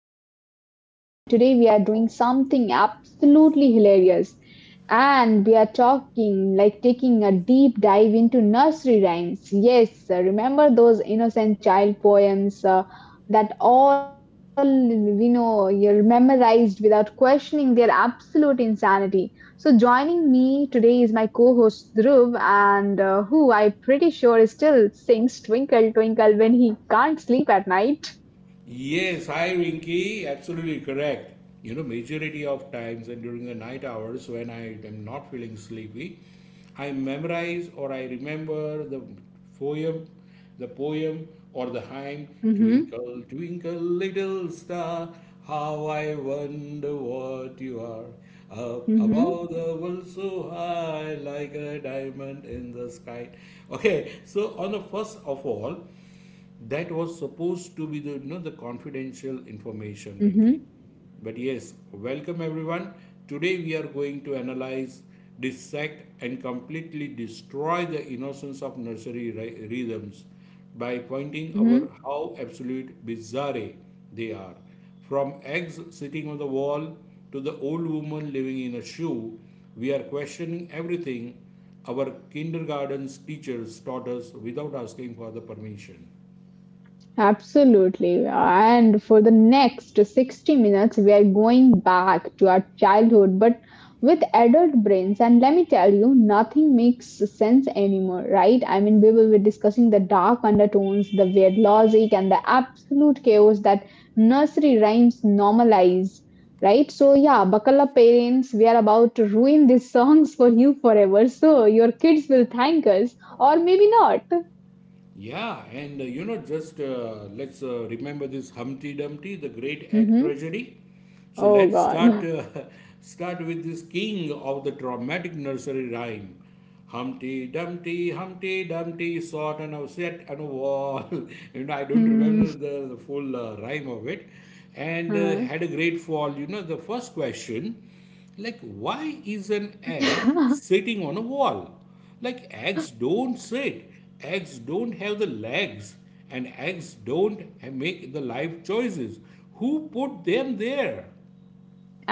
your host, Rinky, and today we are doing something absolutely hilarious. And we are talking like taking a deep dive into nursery rhymes. Yes, remember those innocent child poems that all you're memorized without questioning their absolute insanity. So, joining me today is my co host Dhruv, and who I'm pretty sure is still sings Twinkle Twinkle when he can't sleep at night. Yes, hi Rinky, absolutely correct. You know, majority of times and during the night hours when I am not feeling sleepy, I memorize or I remember poem, the poem or the hymn Mm hmm. Twinkle, twinkle little star, how I wonder what you are. Up Mm hmm. above the world so high, like a diamond in the sky. Okay, so on the first of all, that was supposed to be you know, the confidential information, Rinky. Mm But yes, welcome everyone. Today we are going to analyze, dissect, and completely destroy the innocence of nursery rhythms by pointing hmm. out how absolute bizarre they are. From eggs sitting on the wall to the old woman living in a shoe, we are questioning everything our kindergarten's teachers taught us without asking for the permission. Absolutely. And for the next 60 minutes, we are going back to our childhood, but with adult brains. And let me tell you, nothing makes sense anymore, right? I mean, we will be discussing the dark undertones, the weird logic, and the absolute chaos that nursery rhymes normalize, right? So, yeah, buckle up, parents. We are about to ruin these songs for you forever. So, your kids will thank us, or maybe not. Yeah, and you know, just let's remember this Humpty Dumpty, the great act Hmm. tragedy. So Oh, let's start God. Start with this king of the dramatic nursery rhyme. Humpty Dumpty, Humpty Dumpty, sat on a set on a wall. You know, I don't Hmm. remember the full rhyme of it, and Huh. had a great fall. You know, the first question. Like, why is an egg sitting on a wall? Like, eggs don't sit, eggs don't have the legs, and eggs don't make the life choices. Who put them there?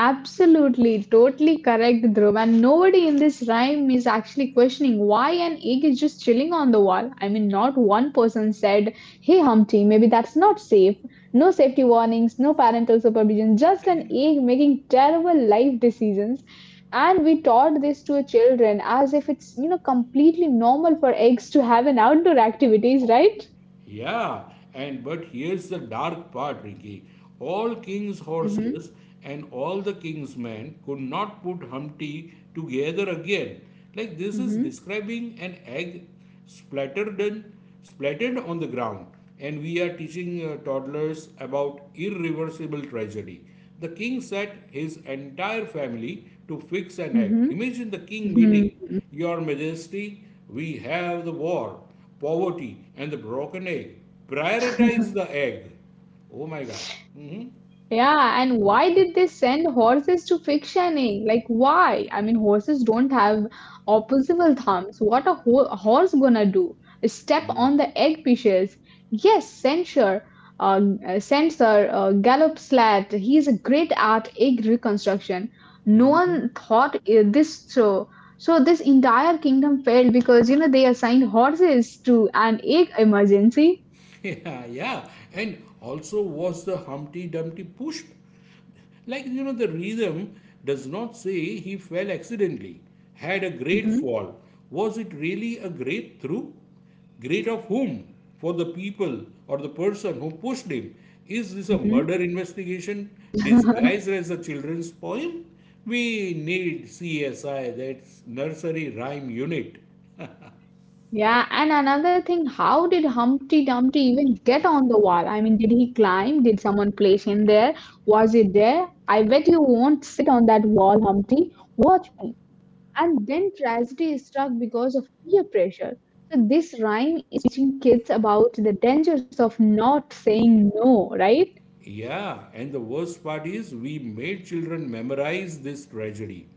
Absolutely, totally correct, Dhruv. And nobody in this rhyme is actually questioning why an egg is just chilling on the wall. I mean, not one person said, hey Humpty, maybe that's not safe. No safety warnings, no parental supervision, just an egg making terrible life decisions. And we taught this to our children as if it's, you know, completely normal for eggs to have an outdoor activities, right? Yeah, and but here's the dark part, Ricky. All king's Mm-hmm. horses and all the king's men could not put Humpty together again. Like this is Mm-hmm. describing an egg splattered and splattered on the ground, and we are teaching toddlers about irreversible tragedy. The king set his entire family to fix an egg. Imagine the king Mm-hmm. meeting, Your Majesty, we have the war, poverty, and the broken egg. Prioritize the egg. Oh my God. hmm Yeah, and why did they send horses to fictioning? Like, why? I mean, horses don't have opposable thumbs. What a, ho a horse gonna do? Step on the egg pieces. Yes, censure, uh, censor, Gallop Slat. He's a great at egg reconstruction. No hmm one thought this so. So this entire kingdom failed because you know they assigned horses to an egg emergency. yeah, yeah. And also, was the Humpty Dumpty pushed? Like, you know, the rhythm does not say he fell accidentally, had a great Hmm. fall. Was it really a great through? Great of whom? For the people or the person who pushed him? Is this a murder investigation disguised as a children's poem? We need CSI, that's nursery rhyme unit. Yeah, and another thing, how did Humpty Dumpty even get on the wall? I mean, did he climb? Did someone place him there? Was it there? I bet you won't sit on that wall, Humpty. Watch me. And then tragedy is struck because of peer pressure. So this rhyme is teaching kids about the dangers of not saying no, right? Yeah, and the worst part is we made children memorize this tragedy.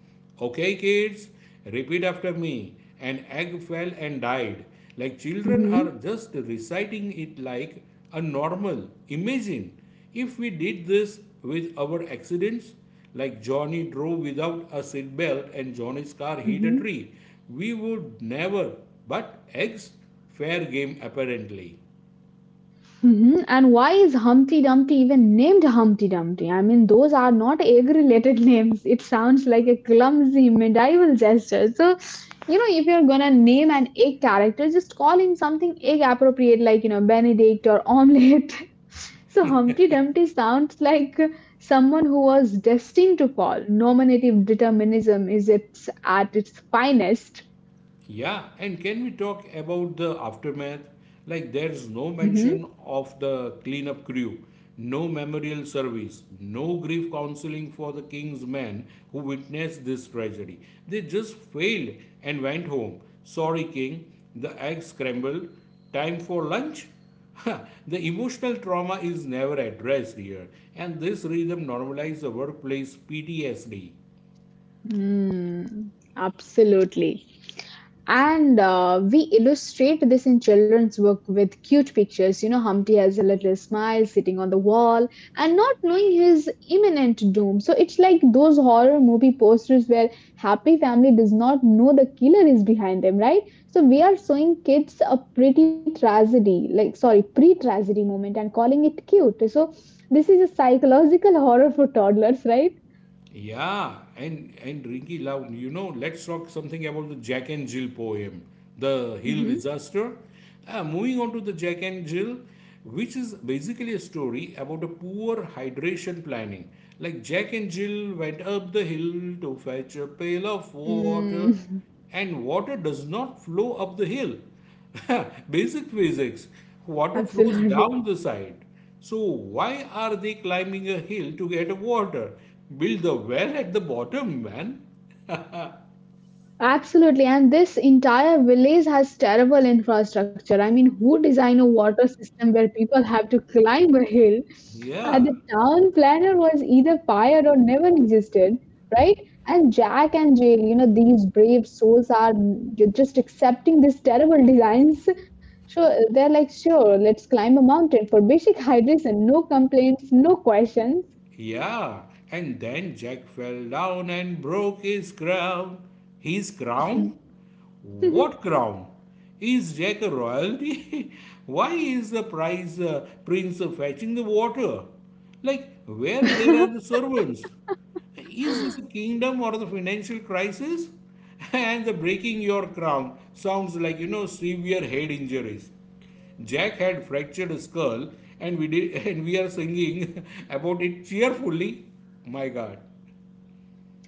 Okay, kids, repeat after me. An egg fell and died. Like children are Mm-hmm. just reciting it like a normal. Imagine if we did this with our accidents, like Johnny drove without a seatbelt and Johnny's car hit a Mm-hmm. tree. We would never, but eggs, fair game apparently. Mhm, and why is Humpty Dumpty even named Humpty Dumpty? I mean, those are not egg-related names. It sounds like a clumsy medieval gesture. So, you know, if you're gonna name an egg character, just call him something egg-appropriate, like you know, Benedict or omelette. So Humpty Dumpty sounds like someone who was destined to fall. Nominative determinism is its at its finest. Yeah, and can we talk about the aftermath? Like, there's no mention Mm-hmm. of the cleanup crew, no memorial service, no grief counseling for the king's men who witnessed this tragedy. They just failed and went home. Sorry, king, the egg scrambled. Time for lunch? the emotional trauma is never addressed here, and this rhythm normalizes the workplace PTSD. Mm, absolutely. And we illustrate this in children's book with cute pictures. You know, Humpty has a little smile sitting on the wall and not knowing his imminent doom. So it's like those horror movie posters where happy family does not know the killer is behind them, right? So we are showing kids a pretty tragedy, like sorry, pre-tragedy moment and calling it cute. So this is a psychological horror for toddlers, right? Yeah, and Rinky Loud, you know, let's talk something about the Jack and Jill poem, The Hill Mm-hmm. Disaster. Moving on to the Jack and Jill, which is basically a story about a poor hydration planning. Like Jack and Jill went up the hill to fetch a pail of water, Mm, and water does not flow up the hill. Basic physics. Water flows absolutely. down the side. So why are they climbing a hill to get water? Build the well at the bottom, man. Absolutely, and this entire village has terrible infrastructure. I mean, who design a water system where people have to climb a hill? And Yeah. the town planner was either fired or never existed, right? And Jack and Jill, you know, these brave souls are just accepting these terrible designs. So they're like, sure, let's climb a mountain for basic hydration, no complaints, no questions. Yeah, and then Jack fell down and broke his crown. His crown? What crown? Is Jack a royalty? Why is the prince fetching the water? Like, where there are the servants? Is this a kingdom or the financial crisis? And the breaking your crown sounds like, you know, severe head injuries. Jack had fractured his skull, and we did, and we are singing about it cheerfully. My God.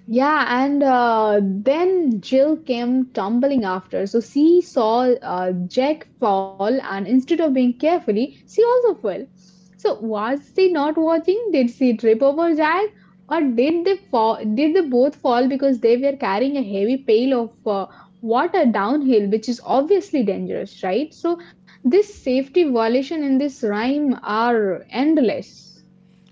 Yeah, and then Jill came tumbling after. So she saw Jack fall, and instead of being carefully, she also fell. So was she not watching? Did she trip over Jack, or did they fall? Did they both fall because they were carrying a heavy pail of water downhill, which is obviously dangerous, right? So this safety violation in this rhyme are endless.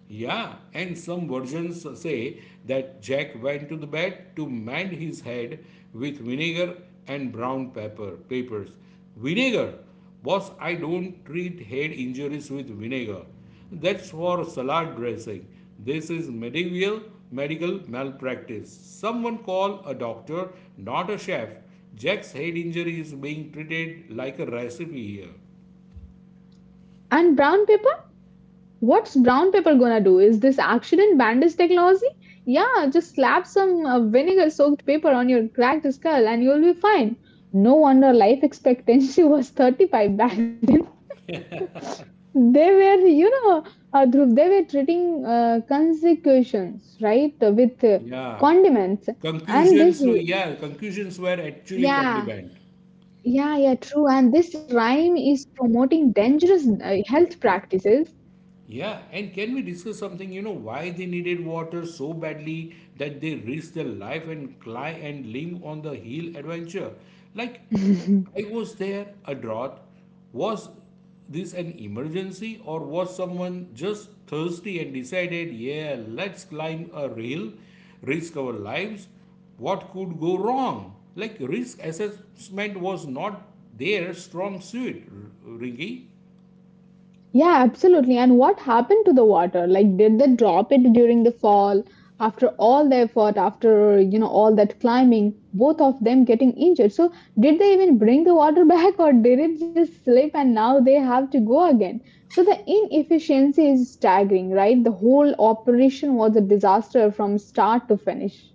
Yeah, and some versions say that Jack went to the bed to mend his head with vinegar and brown pepper papers. Vinegar, boss, I don't treat head injuries with vinegar. That's for salad dressing. This is medieval medical malpractice. Someone call a doctor, not a chef. Jack's head injury is being treated like a recipe here. And brown paper. What's brown paper gonna do? Is this accident bandage technology? Yeah, just slap some vinegar soaked paper on your cracked skull and you'll be fine. No wonder life expectancy was 35 back then. They were, you know, Dhruv, they were treating consecutions, right, with Yeah. condiments. And this, Conclusions were, yeah, conclusions were actually yeah, condemned. yeah, true. And this rhyme is promoting dangerous health practices. Yeah, and can we discuss something? You know why they needed water so badly that they risked their life and climb and limb on the hill adventure. Like, I was there, a drought. Was this an emergency, or was someone just thirsty and decided, yeah, let's climb a hill, risk our lives? What could go wrong? Like, risk assessment was not their strong suit, Ringy. Yeah, absolutely. And what happened to the water? Like, did they drop it during the fall? After all the effort, after, you know, all that climbing, both of them getting injured. So, did they even bring the water back or did it just slip and now they have to go again? So, the inefficiency is staggering, right? The whole operation was a disaster from start to finish.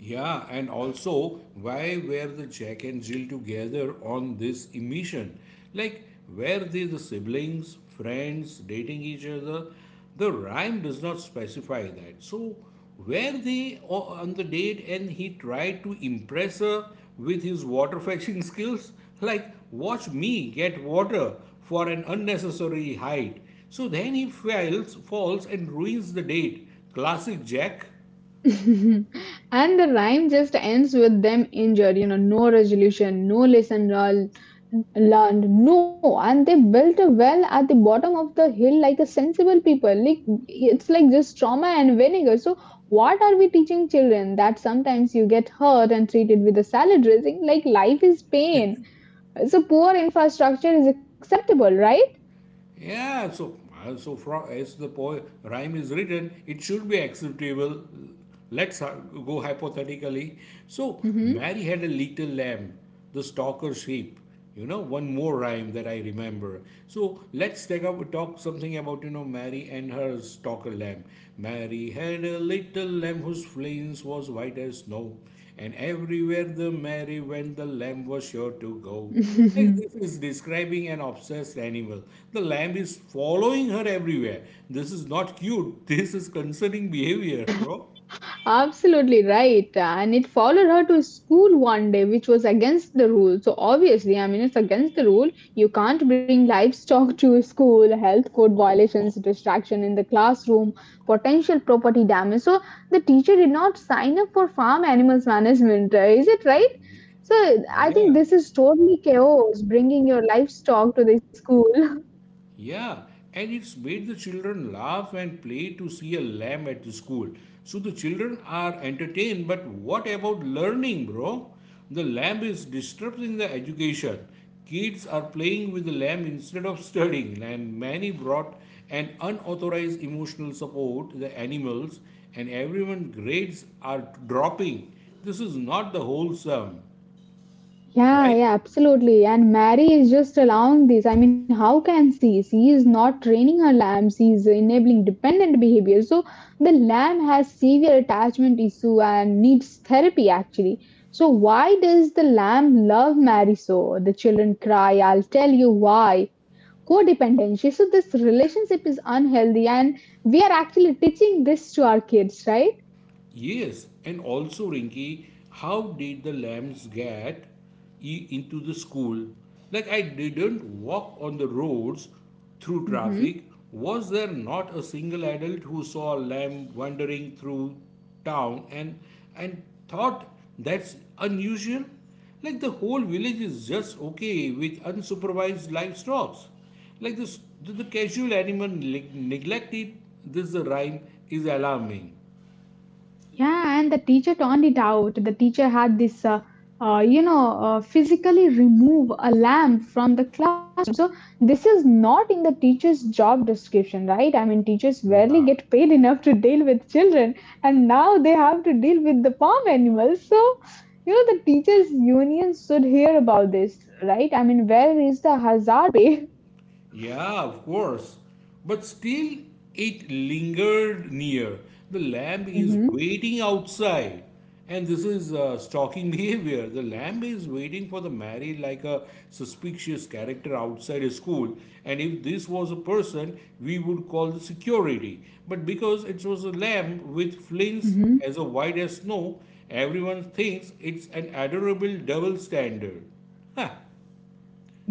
Yeah, and also, why were the Jack and Jill together on this emission? Like, were they the siblings, friends, dating each other? The rhyme does not specify that. So, were they on the date and he tried to impress her with his water fetching skills? Like, watch me get water for an unnecessary height. So then he fails, falls, and ruins the date. Classic Jack. And the rhyme just ends with them injured, you know, no resolution, no lesson learned, no. And they built a well at the bottom of the hill like a sensible people. Like it's like just trauma and vinegar. So what are we teaching children? That sometimes you get hurt and treated with a salad dressing, like life is pain. So poor infrastructure is acceptable, right? Yeah, so from as the poem rhyme is written, it should be acceptable. Let's ha- go hypothetically. So Hmm. Mary had a little lamb, the stalker sheep. You know, one more rhyme that I remember. So let's take up talk something about you know Mary and her stalker lamb. Mary had a little lamb whose fleece was white as snow, and everywhere the Mary went, the lamb was sure to go. Like this is describing an obsessed animal. The lamb is following her everywhere. This is not cute. This is concerning behavior, bro. Absolutely right. And it followed her to school one day, which was against the rule. So, obviously, I mean, it's against the rule. You can't bring livestock to school, health code violations, distraction in the classroom, potential property damage. So, the teacher did not sign up for farm animals management. Is it right? So, I think Yeah. this is totally chaos bringing your livestock to the school. Yeah, and it's made the children laugh and play to see a lamb at the school. So the children are entertained, but what about learning, bro? The lamb is disrupting the education. Kids are playing with the lamb instead of studying, and many brought an unauthorized emotional support to the animals, and everyone grades are dropping. This is not the wholesome, Yeah, right? yeah, absolutely. And Mary is just allowing this. I mean, how can she? She is not training her lamb. She is enabling dependent behavior. So the lamb has severe attachment issue and needs therapy actually. So why does the lamb love Mary so? The children cry, I'll tell you why. Codependency. So this relationship is unhealthy and we are actually teaching this to our kids, right? Yes, and also Rinky, how did the lambs get into the school? Like I didn't walk on the roads through traffic. Was there not a single adult who saw a lamb wandering through town and thought that's unusual? Like the whole village is just okay with unsupervised livestock. Like the casual animal neglected. This the rhyme is alarming. Yeah, and the teacher turned it out. The teacher had this, you know, physically remove a lamp from the classroom. So this is not in the teacher's job description, right? I mean, teachers barely Yeah. get paid enough to deal with children, and now they have to deal with the farm animals. So, you know, the teachers' unions should hear about this, right? I mean, where is the hazard pay? Yeah, of course. But still, it lingered near. The lamb is waiting outside. And this is stalking behavior. The lamb is waiting for the married like a suspicious character outside a school. And if this was a person, we would call the security. But because it was a lamb with flings Hmm. as white as snow, everyone thinks it's an adorable double standard. Ha!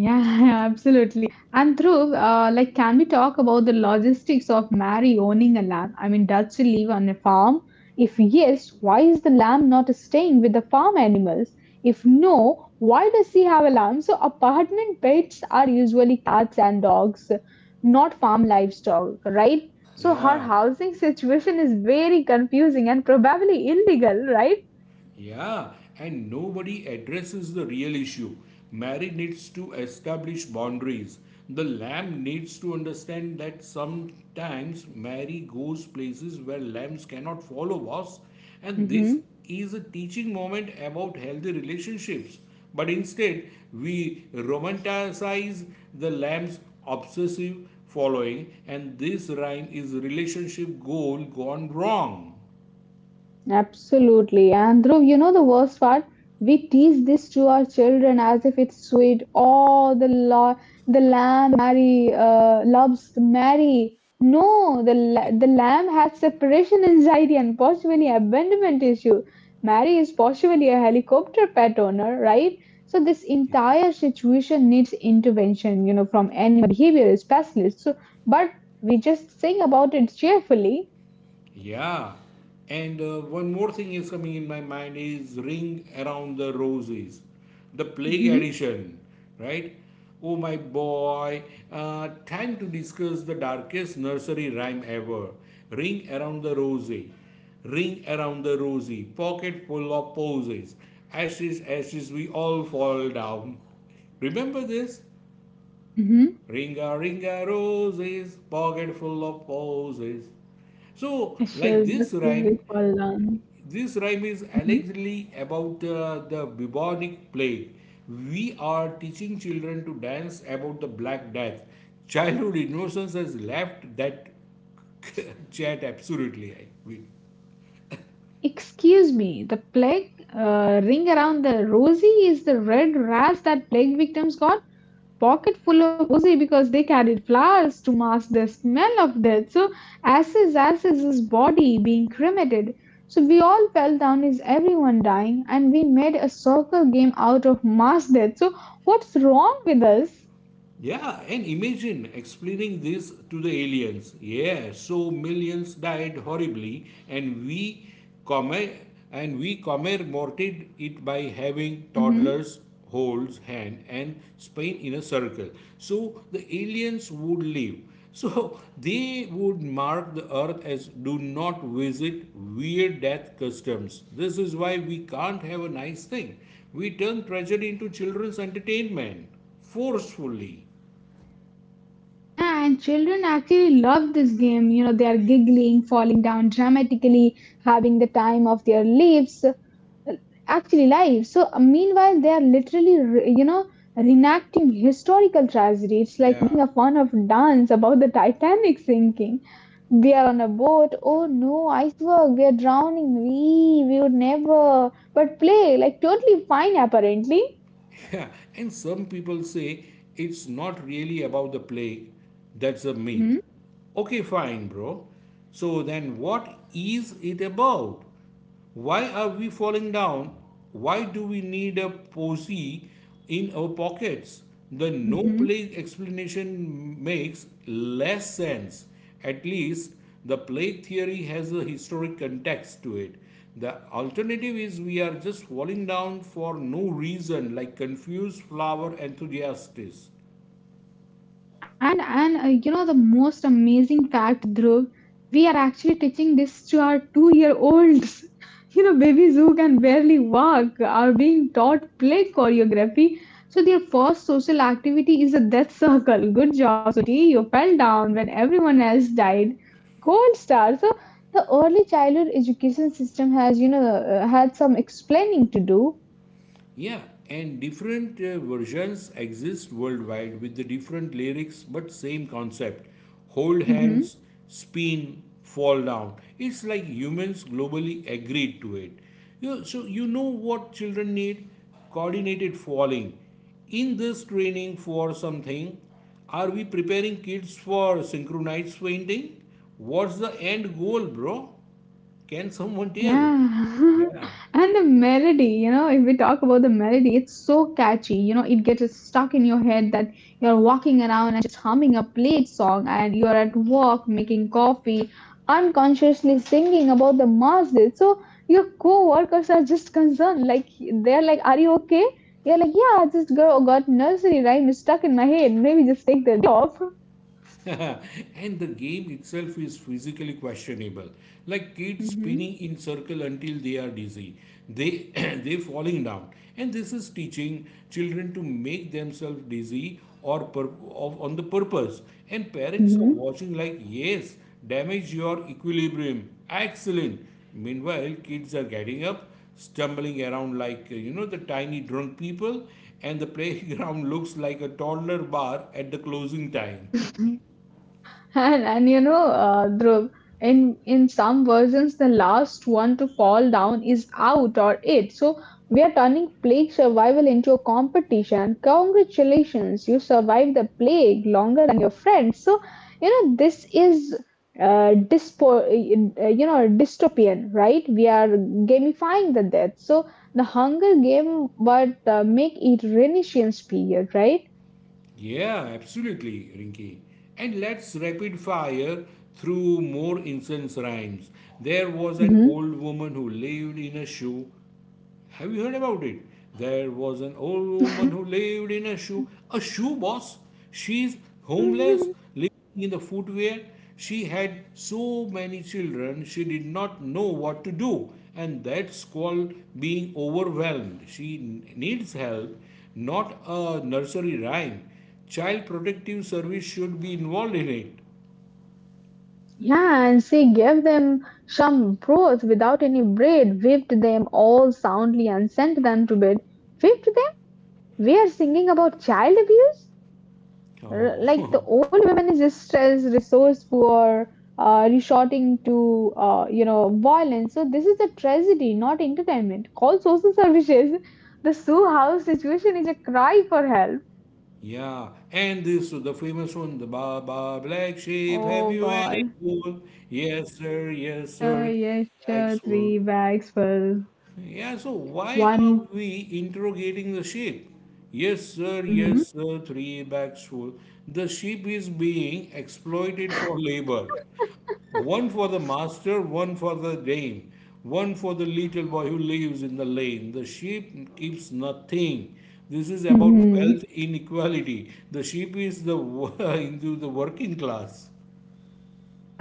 Yeah, absolutely. And Dhruv, like, can we talk about the logistics of Mary owning a lamb? I mean, does she live on a farm? If yes, why is the lamb not staying with the farm animals? If no, why does she have a lamb? So, apartment pets are usually cats and dogs, not farm livestock, right? So, Yeah. her housing situation is very confusing and probably illegal, right? Yeah, and nobody addresses the real issue. Mary needs to establish boundaries. The lamb needs to understand that sometimes Mary goes places where lambs cannot follow, boss. And this Mm-hmm. is a teaching moment about healthy relationships. But instead, we romanticize the lamb's obsessive following, and this rhyme is relationship goal gone wrong. Absolutely. And Dhruv, you know the worst part? We teach this to our children as if it's sweet. Oh, the law, the lamb marry, loves Mary. No, the lamb has separation anxiety and possibly abandonment issue. Mary is possibly a helicopter pet owner, right? So this entire situation needs intervention, you know, from animal behavior specialists. So, but we just sing about it cheerfully. Yeah. And one more thing is coming in my mind is Ring Around the Roses, the Plague Hmm. Edition, right? Oh my boy, time to discuss the darkest nursery rhyme ever. Ring Around the Rosie, Ring Around the Rosie, pocket full of posies. Ashes, ashes, we all fall down. Remember this? Ringa, ringa roses, pocket full of posies. So, like Ashes, this is we fall down. this rhyme is Mhm. allegedly about the bubonic plague. We are teaching children to dance about the Black Death. Childhood innocence has left that chat absolutely. I will. Excuse me, the plague ring around the rosy is the red rats that plague victims got. Pocket full of rosy because they carried flowers to mask the smell of death. So, ashes, ashes, is his body being cremated. So, we all fell down, is everyone dying? And we made a circle game out of mass death. So, what's wrong with us? Yeah, and imagine explaining this to the aliens. Yeah, so millions died horribly, and we commem- and we commemorated it by having Mhm. toddlers hold hand and spin in a circle. So the aliens would leave. So they would mark the earth as do not visit weird death customs. This is why we can't have a nice thing. We turn tragedy into children's entertainment forcefully. Yeah, and children actually love this game. You know, they are giggling, falling down dramatically, having the time of their lives, actually lives. So meanwhile, they are literally, you know, reenacting historical tragedy. It's like Yeah. making a fun of dance about the Titanic sinking. We are on a boat. Oh no, iceberg! We are drowning. We would never. But play like totally fine apparently. yeah, and some people say it's not really about the plague. That's a myth. Okay, fine, bro. So then what is it about? Why are we falling down? Why do we need a posy in our pockets. The no Mm-hmm. plague explanation makes less sense. At least the plague theory has a historic context to it. The alternative is we are just falling down for no reason, like confused flower enthusiasts. And you know the most amazing fact, Dhruv, we are actually teaching this to our two-year-olds. You know, babies who can barely walk are being taught play choreography. So their first social activity is a death circle. Good job, Suti. You fell down when everyone else died. Gold star. So the early childhood education system has, you know, had some explaining to do. Yeah, and different versions exist worldwide with the different lyrics but same concept. Hold Hmm. hands, spin, fall down. It's like humans globally agreed to it. You, so, you know what children need? Coordinated falling. In this training for something, are we preparing kids for synchronized fainting? What's the end goal, bro? Can someone tell? Yeah. Yeah. The melody, you know, if we talk about the melody, it's so catchy. You know, it gets stuck in your head that you're walking around and just humming a played song, and you're at work making coffee, unconsciously singing about the masjid. So your co-workers are just concerned, like they're like, "Are you okay?" You're like, "Yeah, got nursery rhyme stuck in my head. Maybe just take the day off." And the game itself is physically questionable, like kids spinning Hmm. in circle until they are dizzy. They They falling down. And this is teaching children to make themselves dizzy on the purpose. And parents are Hmm. watching like, yes, damage your equilibrium, excellent. Meanwhile, kids are getting up, stumbling around like the tiny drunk people. And the playground looks like a toddler bar at the closing time. And you know, Dhruv, in some versions, the last one to fall down is out or it. So we are turning plague survival into a competition. Congratulations, you survived the plague longer than your friends. So this is dystopian, right? We are gamifying the death. So the Hunger Game, but make it Renaissance period, right? Yeah, absolutely, Rinky. And let's rapid fire through more incense rhymes. There was an old woman who lived in a shoe, have you heard about it? There was an old woman who lived in a shoe boss. She's homeless, Hmm. living in the footwear. She had so many children, she did not know what to do, and that's called being overwhelmed. She needs help, not a nursery rhyme. Child Protective Service should be involved in it. Yeah, and she gave them some broth without any bread, whipped them all soundly and sent them to bed. Whipped them? We are singing about child abuse? Like the Oh. old woman is stressed, resourceful, or resorting to violence. So this is a tragedy, not entertainment. Call social services. The Sue House situation is a cry for help. Yeah, and this is the famous one, the Baba Black Sheep. Have Oh you any God. wool? Yes, sir. Yes, sir. Yes, Black sure. Three wool. bags for Yeah, so why are one. we interrogating the sheep? Mm-hmm. Yes, sir, three bags full. The sheep is being exploited for labor. One for the master, one for the dame, one for the little boy who lives in the lane. The sheep keeps nothing. This is about Mm-hmm. wealth inequality. The sheep is the into the working class.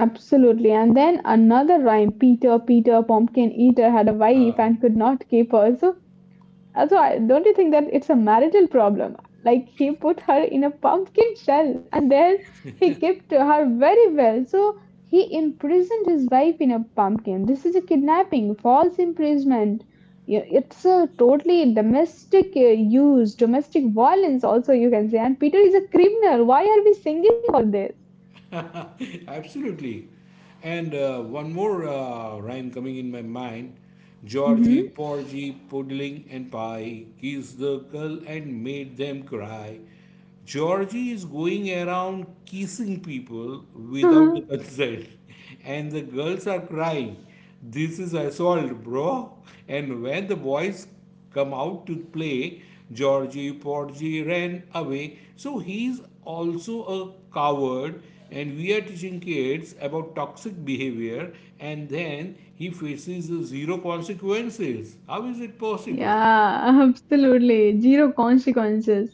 Absolutely. And then another rhyme, Peter, Peter, pumpkin eater had a wife Ah. and could not keep her. So, also, don't you think that it's a marital problem? Like he put her in a pumpkin shell and there he kept her very well. So he imprisoned his wife in a pumpkin. This is a kidnapping, false imprisonment. Yeah, it's a totally domestic domestic violence also you can say. And Peter is a criminal. Why are we singing for this? Absolutely. And one more rhyme coming in my mind. Georgie, Porgy, Puddling and Pie kissed the girl and made them cry. Georgie is going around kissing people without the consent, and the girls are crying. This is assault, bro. And when the boys come out to play, Georgie Porgy ran away. So he's also a coward, and we are teaching kids about toxic behavior, and then he faces zero consequences. How is it possible? Yeah, absolutely. Zero consequences.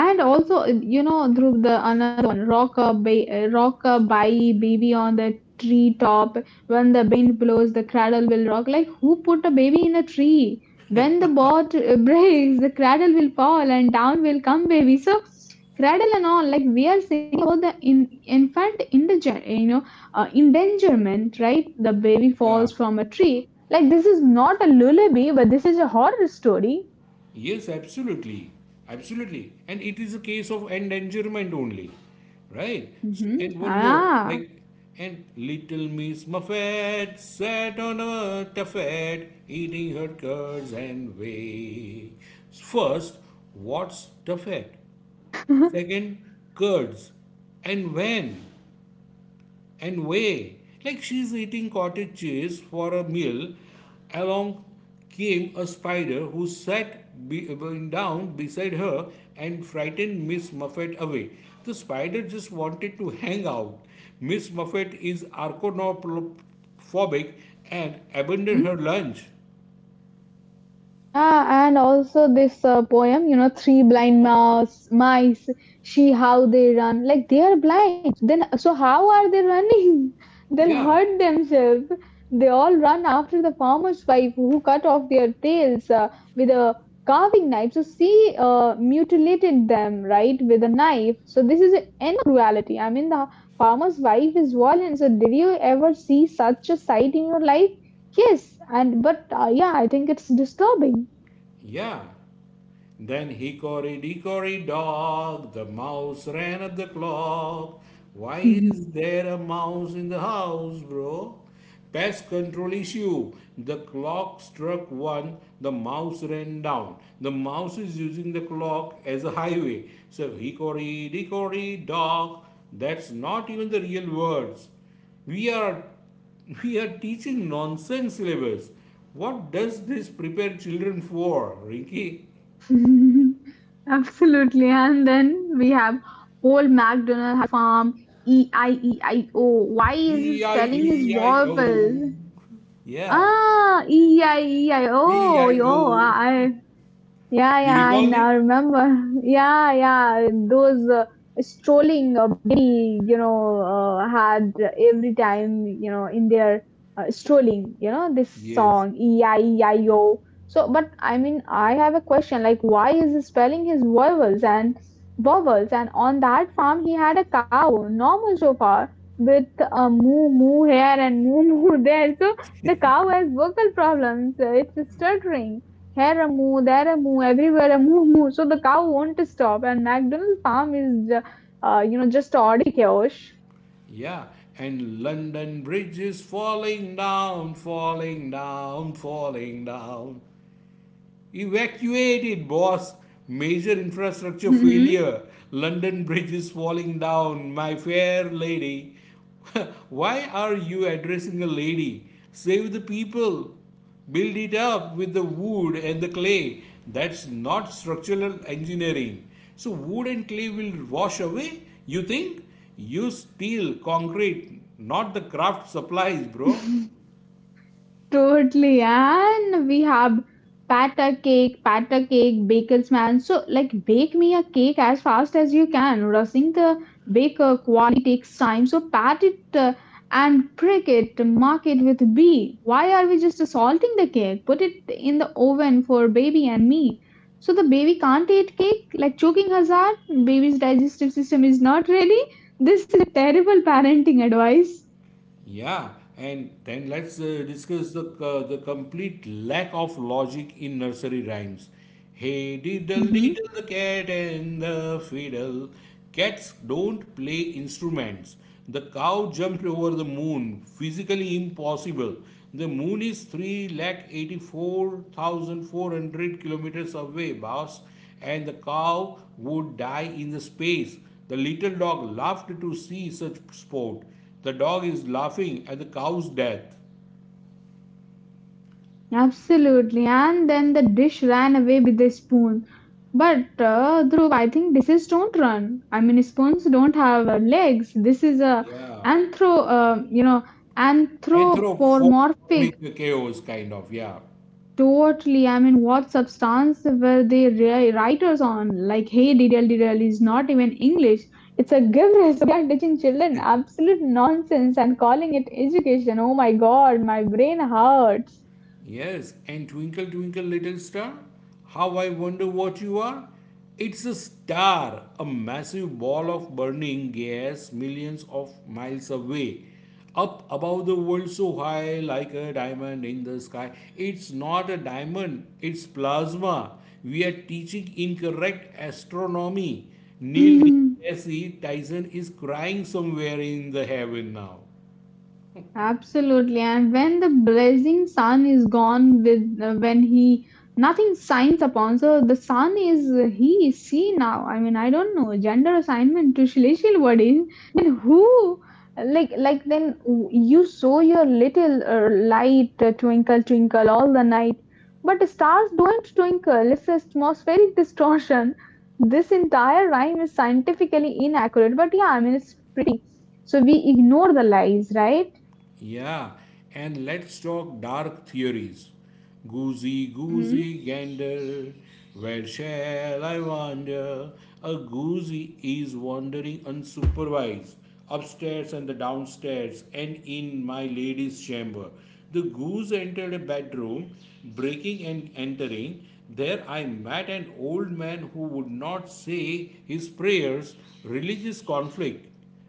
And also, you know, through the another one, rock a rock a bye baby on the tree top. When the wind blows, the cradle will rock. Like who put a baby in a tree? When the boat breaks, the cradle will fall and down will come baby. So cradle and all, like we are singing about the in infant indiger, you know, endangerment, right? The baby Yeah. falls from a tree. Like this is not a lullaby, but this is a horror story. Yes, absolutely. Absolutely. And it is a case of endangerment only, right? And Hmm. one more, Ah. like, and little Miss Muffet sat on a tuffet, eating her curds and whey. First, what's tuffet? Second, curds. And when? And way. Like she's eating cottage cheese for a meal, along came a spider who sat be- down beside her and frightened Miss Muffet away. The spider just wanted to hang out. Miss Muffet is arachnophobic and abandoned her lunch. Yeah, and also this poem, you know, three blind mice, see how they run. Like they are blind. Then, so how are they running? They'll Yeah, hurt themselves. They all run after the farmer's wife who cut off their tails with a carving knife. So she mutilated them, right, with a knife. So this is an cruelty. I mean, the farmer's wife is violent. So did you ever see such a sight in your life? Yes, and but yeah, I think it's disturbing. yeah. Then hickory dickory dock, the mouse ran up the clock. Why is Mhm. there a mouse in the house, bro? Pest control issue. The clock struck one, the mouse ran down. The mouse is using the clock as a highway. So hickory dickory dock, that's not even the real words. We are we are teaching nonsense syllabus. What does this prepare children for, Rinky? Absolutely. And then we have old MacDonald Farm, E-I-E-I-O. Why is his spelling is E-I-E-I-O. vowel? Yeah, Ah, E-I-E-I-O. E-I-O. Yo, I Yeah, You yeah, I recalled it? now remember. Yeah, yeah, those strolling baby, you know, had every time, you know, in their strolling, you know, this Yes, song, E-I-E-I-O. So, but I mean, I have a question, like, why is he spelling his vowels and vowels? And on that farm, he had a cow, normal so far, with a moo moo here and moo moo there. So the cow has vocal problems. It's stuttering here a moo, there a moo, everywhere a moo moo. So the cow won't stop, and McDonald Farm is, you know, just ordinary chaos. yeah. And London Bridge is falling down, falling down, falling down. Evacuated, boss. Major infrastructure failure. London Bridge is falling down. My fair lady. Why are you addressing a lady? Save the people. Build it up with the wood and the clay. That's not structural engineering. So, wood and clay will wash away, you think? Use steel, concrete, not the craft supplies, bro. Totally, and we have batter cake, baker's man. So, like, bake me a cake as fast as you can. Rushing the baker quality takes time. So, pat it and prick it, mark it with B. Why are we just salting the cake? Put it in the oven for baby and me. So, the baby can't eat cake, like choking hazard. Baby's digestive system is not ready. This is terrible parenting advice. Yeah, and then let's discuss the the complete lack of logic in nursery rhymes. Hey diddle Mhm. diddle the cat and the fiddle. Cats don't play instruments. The cow jumped over the moon. Physically impossible. The moon is 384,400 kilometers away, boss. And the cow would die in the space. The little dog laughed to see such sport. The dog is laughing at the cow's death. Absolutely. And then the dish ran away with the spoon. But Dhruv, I think dishes don't run. I mean, spoons don't have legs. This is a Yeah. anthro, uh, you know, anthropomorphic. Anthropomorphic chaos, kind of, yeah. Totally. I mean, what substance were they writers on? Like, hey, DDL DDL is not even English. It's a gibberish. They are teaching children absolute nonsense and calling it education. Oh my God, my brain hurts. Yes, and twinkle, twinkle, little star, how I wonder what you are. It's a star, a massive ball of burning gas millions of miles away, up above the world so high like a diamond in the sky. It's not a diamond, it's plasma. We are teaching incorrect astronomy. Neil deGrasse Tyson is crying somewhere in the heaven now. Absolutely, and when the blazing sun is gone, with when he nothing shines upon, so the sun is he is she now. I mean, I don't know gender assignment to celestial bodies, and who then you saw your little light twinkle twinkle all the night, but the stars don't twinkle. It's atmospheric distortion. This entire rhyme is scientifically inaccurate, but yeah, I mean it's so we ignore the lies, right? Yeah, and let's talk dark theories. Goosey, Mm-hmm. goosey, gander, where shall I wander? A goosey is wandering unsupervised, upstairs and the downstairs, and in my lady's chamber. The goose entered a bedroom, breaking and entering. There I met an old man who would not say his prayers, religious conflict,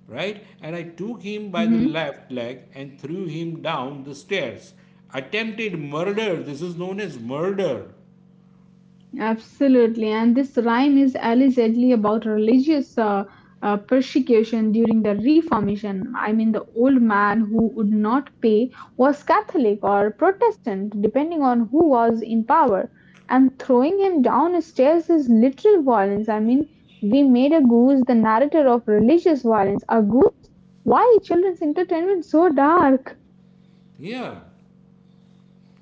right? And I took him by the left leg and threw him down the stairs. Attempted murder, this is known as murder. Absolutely, and this rhyme is allegedly about religious persecution during the Reformation. I mean, the old man who would not pay was Catholic or Protestant, depending on who was in power, and throwing him down stairs is literal violence. I mean, we made a goose the narrator of religious violence. A goose. Why is children's entertainment so dark? Yeah.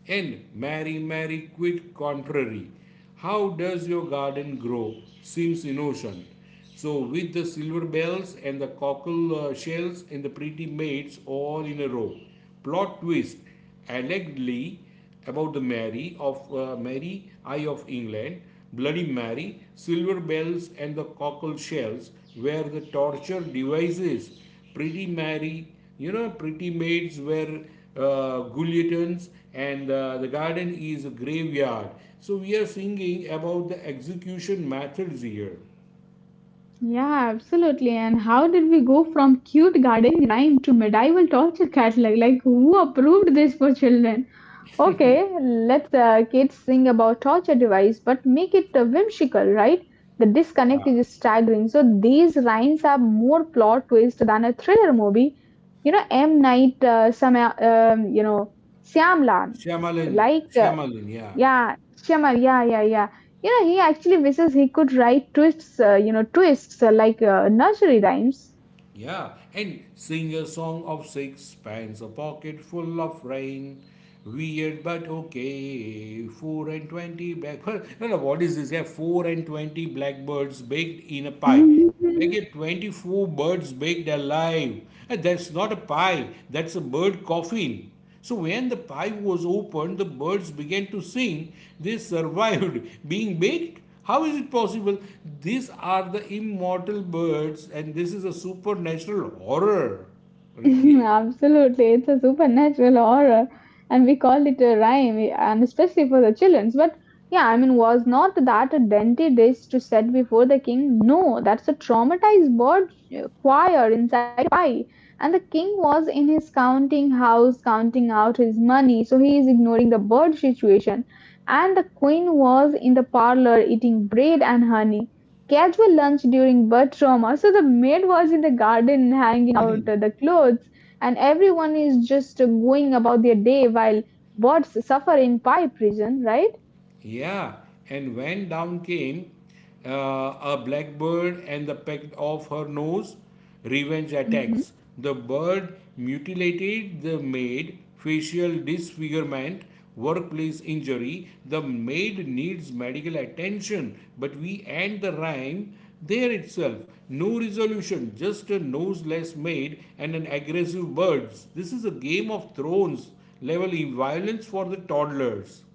And Mary, Mary, quit contrary. How does your garden grow? Seems innocent. So, with the silver bells and the cockle shells and the pretty maids all in a row. Plot twist. Allegedly, about the Mary of Mary, Eye of England, Bloody Mary, Silver Bells, and the Cockle Shells were the torture devices. Pretty Mary, you know, pretty maids were guillotines, and the garden is a graveyard. So we are singing about the execution methods here. Yeah, absolutely. And how did we go from cute gardening rhyme to medieval torture catalog? Like, who approved this for children? Okay, let kids sing about torture device, but make it whimsical, right? The disconnect Yeah, is staggering. So these rhymes are more plot twist than a thriller movie. You know, M. Night, you know, Shyamalan, Shyamalan, like uh, Shyamalan, yeah. yeah, Shyamal. Yeah, yeah, yeah. You know, he actually wishes he could write twists, twists like nursery rhymes. Yeah, and sing a song of sixpence, a pocket full of rain. Weird but okay, four and twenty blackbirds. No, no, what is this? Yeah, four and twenty blackbirds baked in a pie. Like a 24 birds baked alive. And that's not a pie, that's a bird coffin. So when the pie was opened, the birds began to sing. They survived being baked. How is it possible? These are the immortal birds, and this is a supernatural horror, Ricky. Absolutely, it's a supernatural horror, and we call it a rhyme, and especially for the childrens. But yeah, I mean, was not that a dainty dish to set before the king? No, that's a traumatized bird uh, choir inside a pie. And the king was in his counting house, counting out his money, so he is ignoring the bird situation. And the Queen was in the parlour eating bread and honey. Casual lunch during birth trauma. So the maid was in the garden hanging out the clothes, and everyone is just going about their day while birds suffer in pie prison, right? Yeah, and when down came uh, a blackbird and the peck of her nose, revenge attacks. The bird mutilated the maid, facial disfigurement, workplace injury. The maid needs medical attention, but we end the rhyme there itself. No resolution, just a noseless maid and an aggressive bird. This is a Game of Thrones level in violence for the toddlers.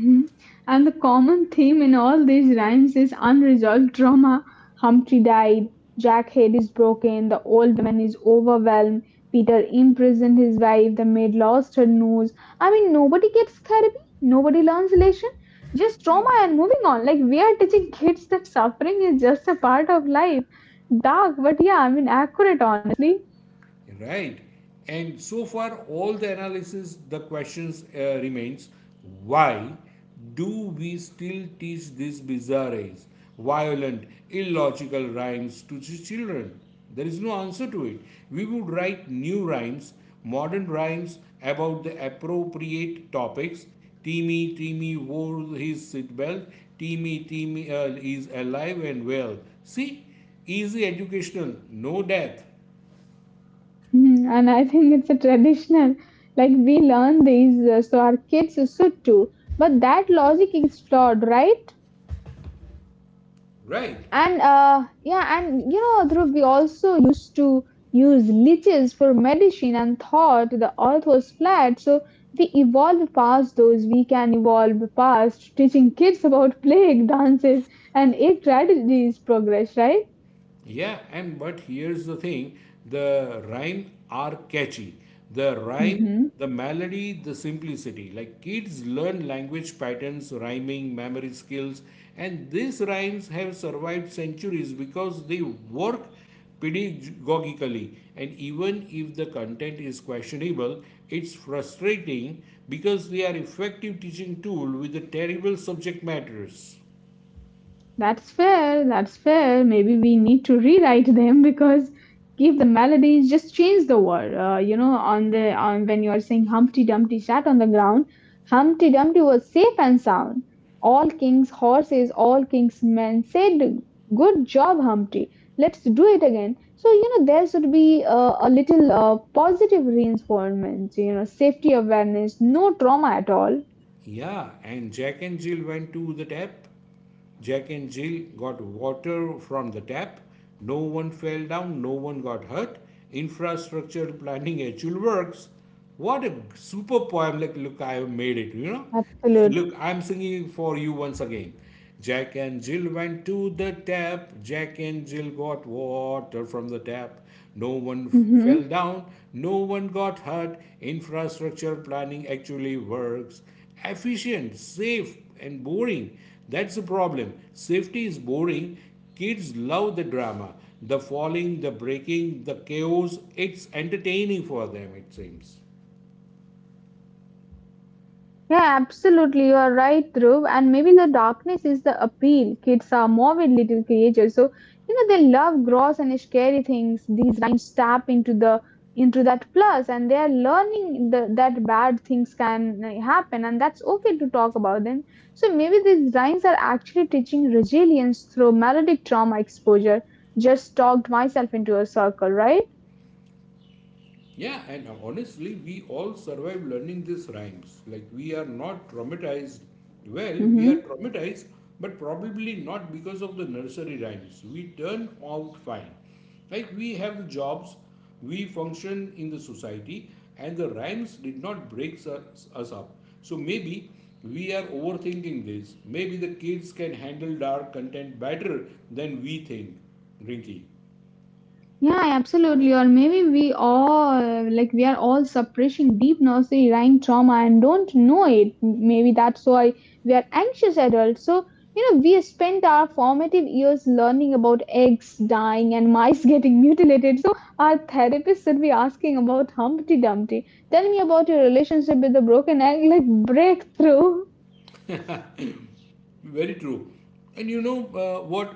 Mhm. And the common theme in all these rhymes is unresolved trauma. Humpty died, Jack head is broken, the old woman is overwhelmed, Peter imprisoned his wife, the maid lost her nose. I mean, nobody gets therapy, nobody learns relation, just trauma and moving on. Like, we are teaching kids that suffering is just a part of life. Dark, but yeah, I mean, accurate, honestly. Right, and so far all the analysis, the questions remains. Why do we still teach these bizarre, violent, illogical rhymes to children? There is no answer to it. We would write new rhymes, modern rhymes about the appropriate topics. Timmy, Timmy wore his seatbelt. Timmy, Timmy is alive and well. See, easy, educational, no death, Mm. And I think it's a traditional, like we learn these, so our kids should too. But that logic is flawed, right? right? And yeah, and you know, Dhruv, we also used to use leeches for medicine and thought the earth was flat. So we evolved past those. We can evolve past teaching kids about plague dances and ape tragedies progress, right? Yeah, and but here's the thing, the rhyme are catchy. The rhyme, the melody, the simplicity. Like kids learn language patterns, rhyming, memory skills, and these rhymes have survived centuries because they work pedagogically. And even if the content is questionable, it's frustrating because they are effective teaching tool with the terrible subject matters. That's fair, that's fair. Maybe we need to rewrite them because keep the melodies, just change the word. You know, on the on when you are saying Humpty Dumpty sat on the ground, Humpty Dumpty was safe and sound. All king's horses, all king's men said, "Good job, Humpty. Let's do it again." So you know there should be a little positive reinforcement. You know, safety awareness, no trauma at all. Yeah, and Jack and Jill went to the tap. Jack and Jill got water from the tap. No one fell down, no one got hurt. Infrastructure planning actually works. What a super poem! Like, look, I have made it, you know. Absolutely. Look, I'm singing for you once again. Jack and Jill went to the tap. Jack and Jill got water from the tap. No one fell down. No one got hurt. Infrastructure planning actually works, efficient, safe, and boring. That's the problem. Safety is boring. Kids love the drama, the falling, the breaking, the chaos. It's entertaining for them, it seems. Yeah, absolutely. You are right, Dhruv. And maybe the darkness is the appeal. Kids are morbid little creatures. So, you know, they love gross and scary things. These lines tap into the into that plus and they are learning that bad things can happen and that's okay to talk about them. So maybe these lines are actually teaching resilience through melodic trauma exposure. Just talked myself into a circle, right? Yeah, and honestly, we all survive learning these rhymes. Like, we are not traumatized. Well, we are Mm-hmm. traumatized, but probably not because of the nursery rhymes. We turn out fine. Like, we have jobs, we function in the society, and the rhymes did not break us up. So, maybe we are overthinking this. Maybe the kids can handle dark content better than we think, Rinky. Yeah, absolutely. Or maybe we all like we are all suppressing deep nursery rhyme trauma and don't know it. Maybe that's why we are anxious adults. So you know, we spent our formative years learning about eggs dying and mice getting mutilated. Our therapist should be asking about Humpty Dumpty. Tell me about your relationship with the broken egg, like breakthrough. Very true. And you know what?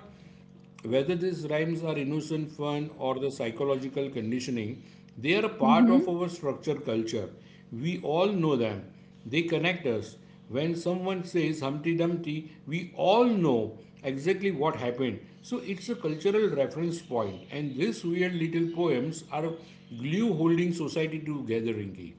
Whether these rhymes are innocent fun or the psychological conditioning, they are a part of our structure culture. We all know them. They connect us. When someone says Humpty Dumpty, we all know exactly what happened. So it's a cultural reference point, and these weird little poems are glue holding society together, Rinki.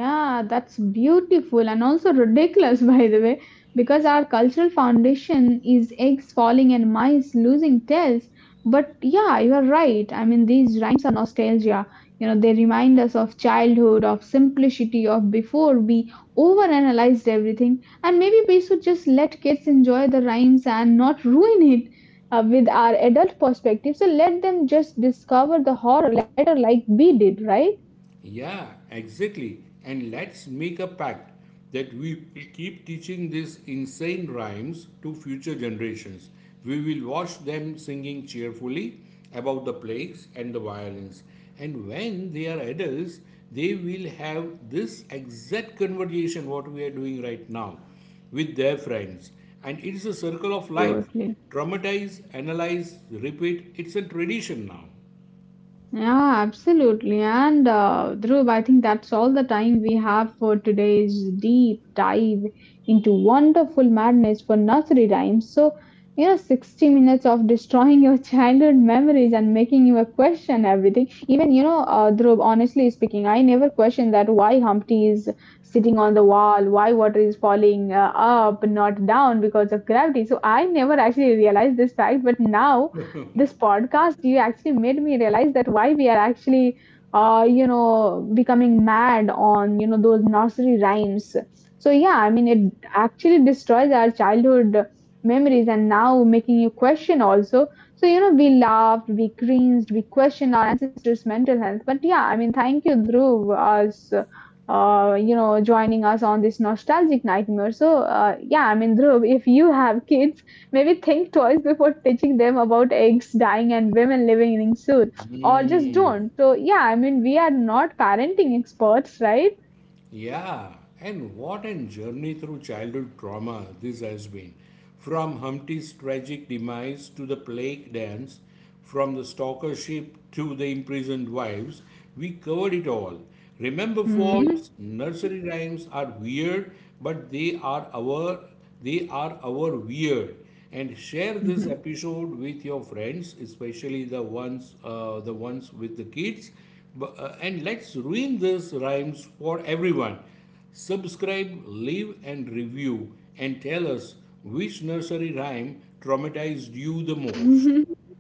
Yeah, that's beautiful and also ridiculous, by the way, because our cultural foundation is eggs falling and mice losing tails. But yeah, you are right. I mean, these rhymes are nostalgia. You know, they remind us of childhood, of simplicity, of before we overanalyzed everything. And maybe we should just let kids enjoy the rhymes and not ruin it with our adult perspective. So let them just discover the horror later, like we did, right? Yeah, exactly. And let's make a pact that we will keep teaching these insane rhymes to future generations. We will watch them singing cheerfully about the plagues and the violence. And when they are adults, they will have this exact conversation what we are doing right now with their friends. And it's a circle of life. Totally. Traumatize, analyze, repeat. It's a tradition now. Yeah, absolutely. And Dhruv, I think that's all the time we have for today's deep dive into wonderful madness for nursery rhymes. So, you know, 60 minutes of destroying your childhood memories and making you question everything. Even, you know, Dhruv, honestly speaking, I never questioned that why Humpty is sitting on the wall, why water is falling up, not down because of gravity. So, I never actually realized this fact, but now this podcast you actually made me realize that why we are actually becoming mad on those nursery rhymes. So yeah, I mean, it actually destroys our childhood memories and now making you question also. So you know, we laughed, we cringed, we questioned our ancestors mental health. But yeah, I mean, thank you Dhruv us joining us on this nostalgic nightmare. So yeah, I mean, Dhruv, if you have kids, maybe think twice before teaching them about eggs dying and women living in suits, or just Hmm. don't. So, yeah, I mean, we are not parenting experts, right? Yeah, and what a journey through childhood trauma this has been. From Humpty's tragic demise to the plague dance, from the stalkership to the imprisoned wives, we covered it all. Remember, folks, Mhm, nursery rhymes are weird, but they are our weird. And share mhm. this episode with your friends, especially the ones with the kids. And let's ruin these rhymes for everyone. Subscribe, leave, and review, and tell us which nursery rhyme traumatized you the most.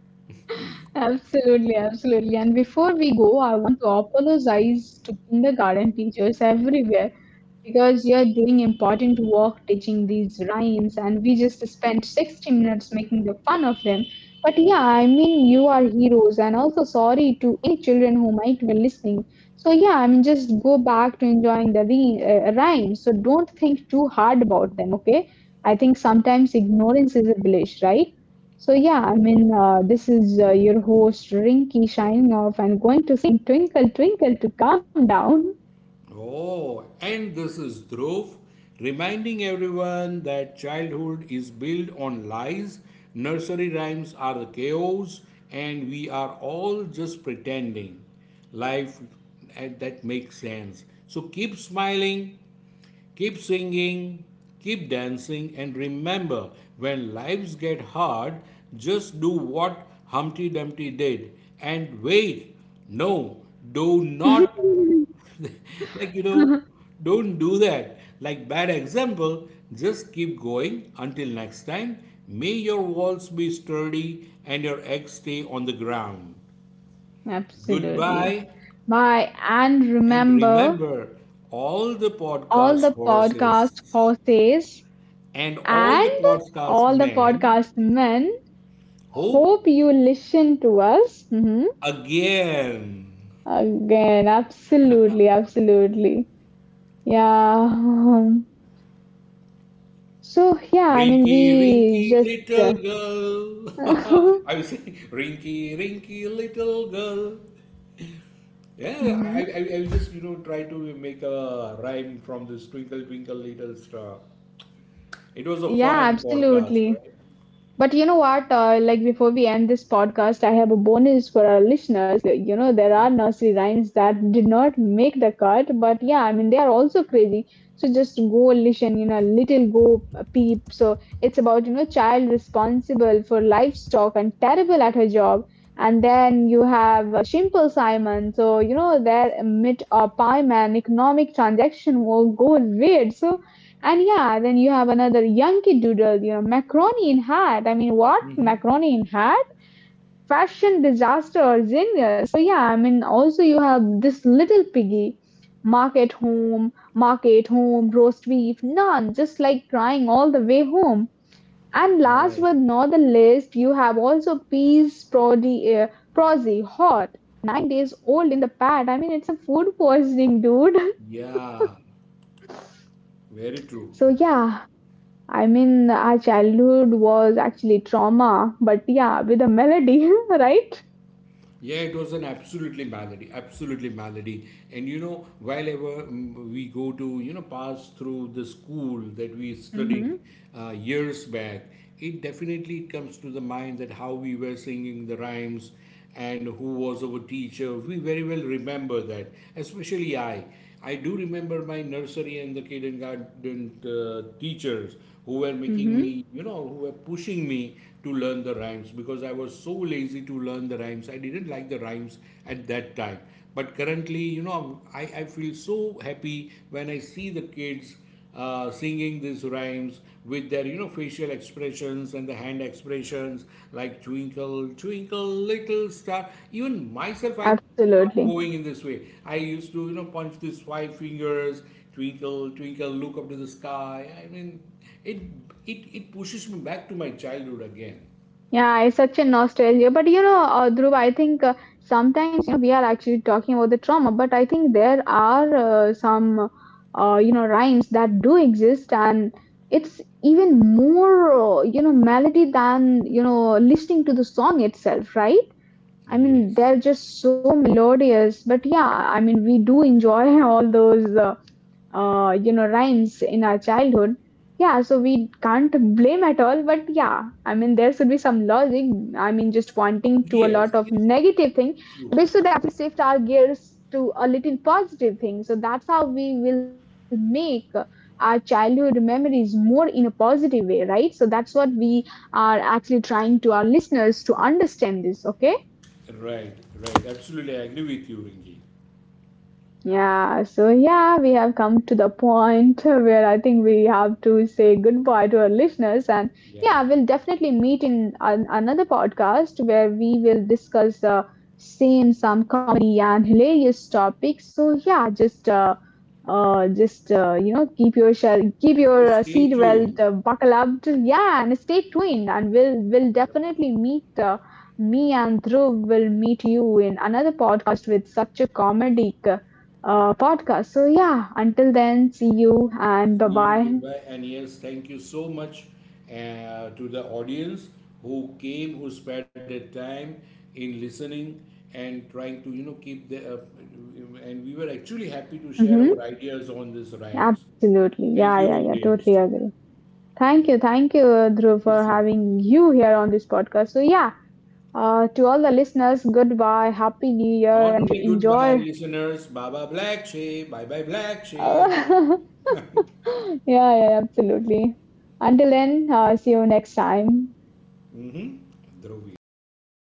Absolutely, absolutely. And before we go, I want to apologize to kindergarten teachers everywhere because you're doing important work teaching these rhymes and we just spent 60 minutes making the fun of them. But yeah, I mean, you are heroes, and also sorry to any children who might be listening. So yeah, I mean, just go back to enjoying the rhymes. So don't think too hard about them, okay? I think sometimes ignorance is a bliss, right? So yeah, I mean, this is your host Rinky shining off and going to sing twinkle twinkle to calm down. Oh, and this is Dhruv reminding everyone that childhood is built on lies, nursery rhymes are the chaos, and we are all just pretending. Life that makes sense. So keep smiling, keep singing, keep dancing, and remember, when lives get hard, just do what Humpty Dumpty did and wait. No, do not, like don't do that. Like bad example, just keep going until next time. May your walls be sturdy and your eggs stay on the ground. Goodbye, Absolutely. Bye. And and remember remember all the all podcast the podcast horses. horses And all and the podcast all the men podcast men. hope Hope you listen to us. Mhm. again. Again, absolutely, absolutely. Yeah. So, yeah, I mean, Rinky, we rinky, just. little girl. I was saying, rinky, rinky, little girl. Yeah, I, I, I mhm. I just, try to make a rhyme from this twinkle, twinkle, little star. It was a Yeah, fun podcast, absolutely. right? But you know what? Like before we end this podcast, I have a bonus for our listeners. You know, there are nursery rhymes that did not make the cut, but yeah, I mean, they are also crazy. So just go listen, you know, little go peep. So it's about, you know, child responsible for livestock and terrible at her job. And then you have Simple Simon. So, you know, their myth a pie man economic transaction will go weird. So, and yeah, then you have another the Yankee Doodle, you know, macaroni in hat. I mean, what? Mm-hmm. Macaroni in hat? Fashion disaster or genius. So yeah, I mean, also you have this little piggy. Market home, roast beef, none. Just like crying all the way home. And last Right. but not the least, you have also peas, prodi, uh, prosy, hot, 9 days old in the pad. I mean, it's a food poisoning, dude. Yeah, very true. So yeah, I mean, our childhood was actually trauma, but yeah, with a melody, right? Yeah, it was an absolutely melody, absolutely melody. And you know, while ever we go to, pass through the school that we studied Mm-hmm. Years back, it definitely comes to the mind that how we were singing the rhymes and who was our teacher. We very well remember that, especially I. I do remember my nursery and the kindergarten teachers who were making Mm-hmm. me, who were pushing me to learn the rhymes because I was so lazy to learn the rhymes. I didn't like the rhymes at that time. But currently, you know, I feel so happy when I see the kids singing these rhymes with their facial expressions and the hand expressions like twinkle twinkle little star, even myself I start Absolutely. moving in this way. I used to, punch these 5 fingers, twinkle, twinkle, look up to the sky. I mean, it it pushes me back to my childhood again. Yeah, it's such a nostalgia. But you know, Dhruv, I think sometimes you know, we are actually talking about the trauma, but I think there are some, rhymes that do exist, and it's even more, melody than, you know, listening to the song itself, right? I mean, Yes, they're just so melodious. But yeah, I mean, we do enjoy all those, rhymes in our childhood. Yeah, so we can't blame at all. But yeah, I mean, there should be some logic. I mean, just pointing to a yes, lot of it's negative thing, true. we should actually shift our gears to a little positive thing. So that's how we will make our childhood memories more in a positive way, right? So that's what we are actually trying to our listeners to understand this. Okay. Right, right. Absolutely, I agree with you, Ringy. Yeah, so yeah, we have come to the point where I think we have to say goodbye to our listeners. And Yeah, yeah, we'll definitely meet in an, another podcast where we will discuss the same, some comedy and hilarious topics. So yeah, just you know, keep your shell, keep your just stay seat tuned. belt buckle up. Yeah, and stay tuned. And we'll definitely meet. Me and Dhruv will meet you in another podcast with such a comedic. Podcast. So, yeah, until then, see you and See bye you, bye. goodbye, and yes, thank you so much to the audience who came, who spent their time in listening and trying to, keep the. And we were actually happy to share our Hmm. ideas on these rhymes. Absolutely. Thank you, Yeah, yeah, yeah. audience. Totally agree. Yeah, Thank you. Thank you, Dhruv, thank you for so much. having you here on this podcast. So, yeah, to all the listeners, goodbye. Happy New Year Not and only goodbye, enjoy. listeners, Baba Black Sheep, bye bye Black Sheep. yeah, yeah, absolutely. Until then, see you next time. Mm-hmm. Drovia. Thank you.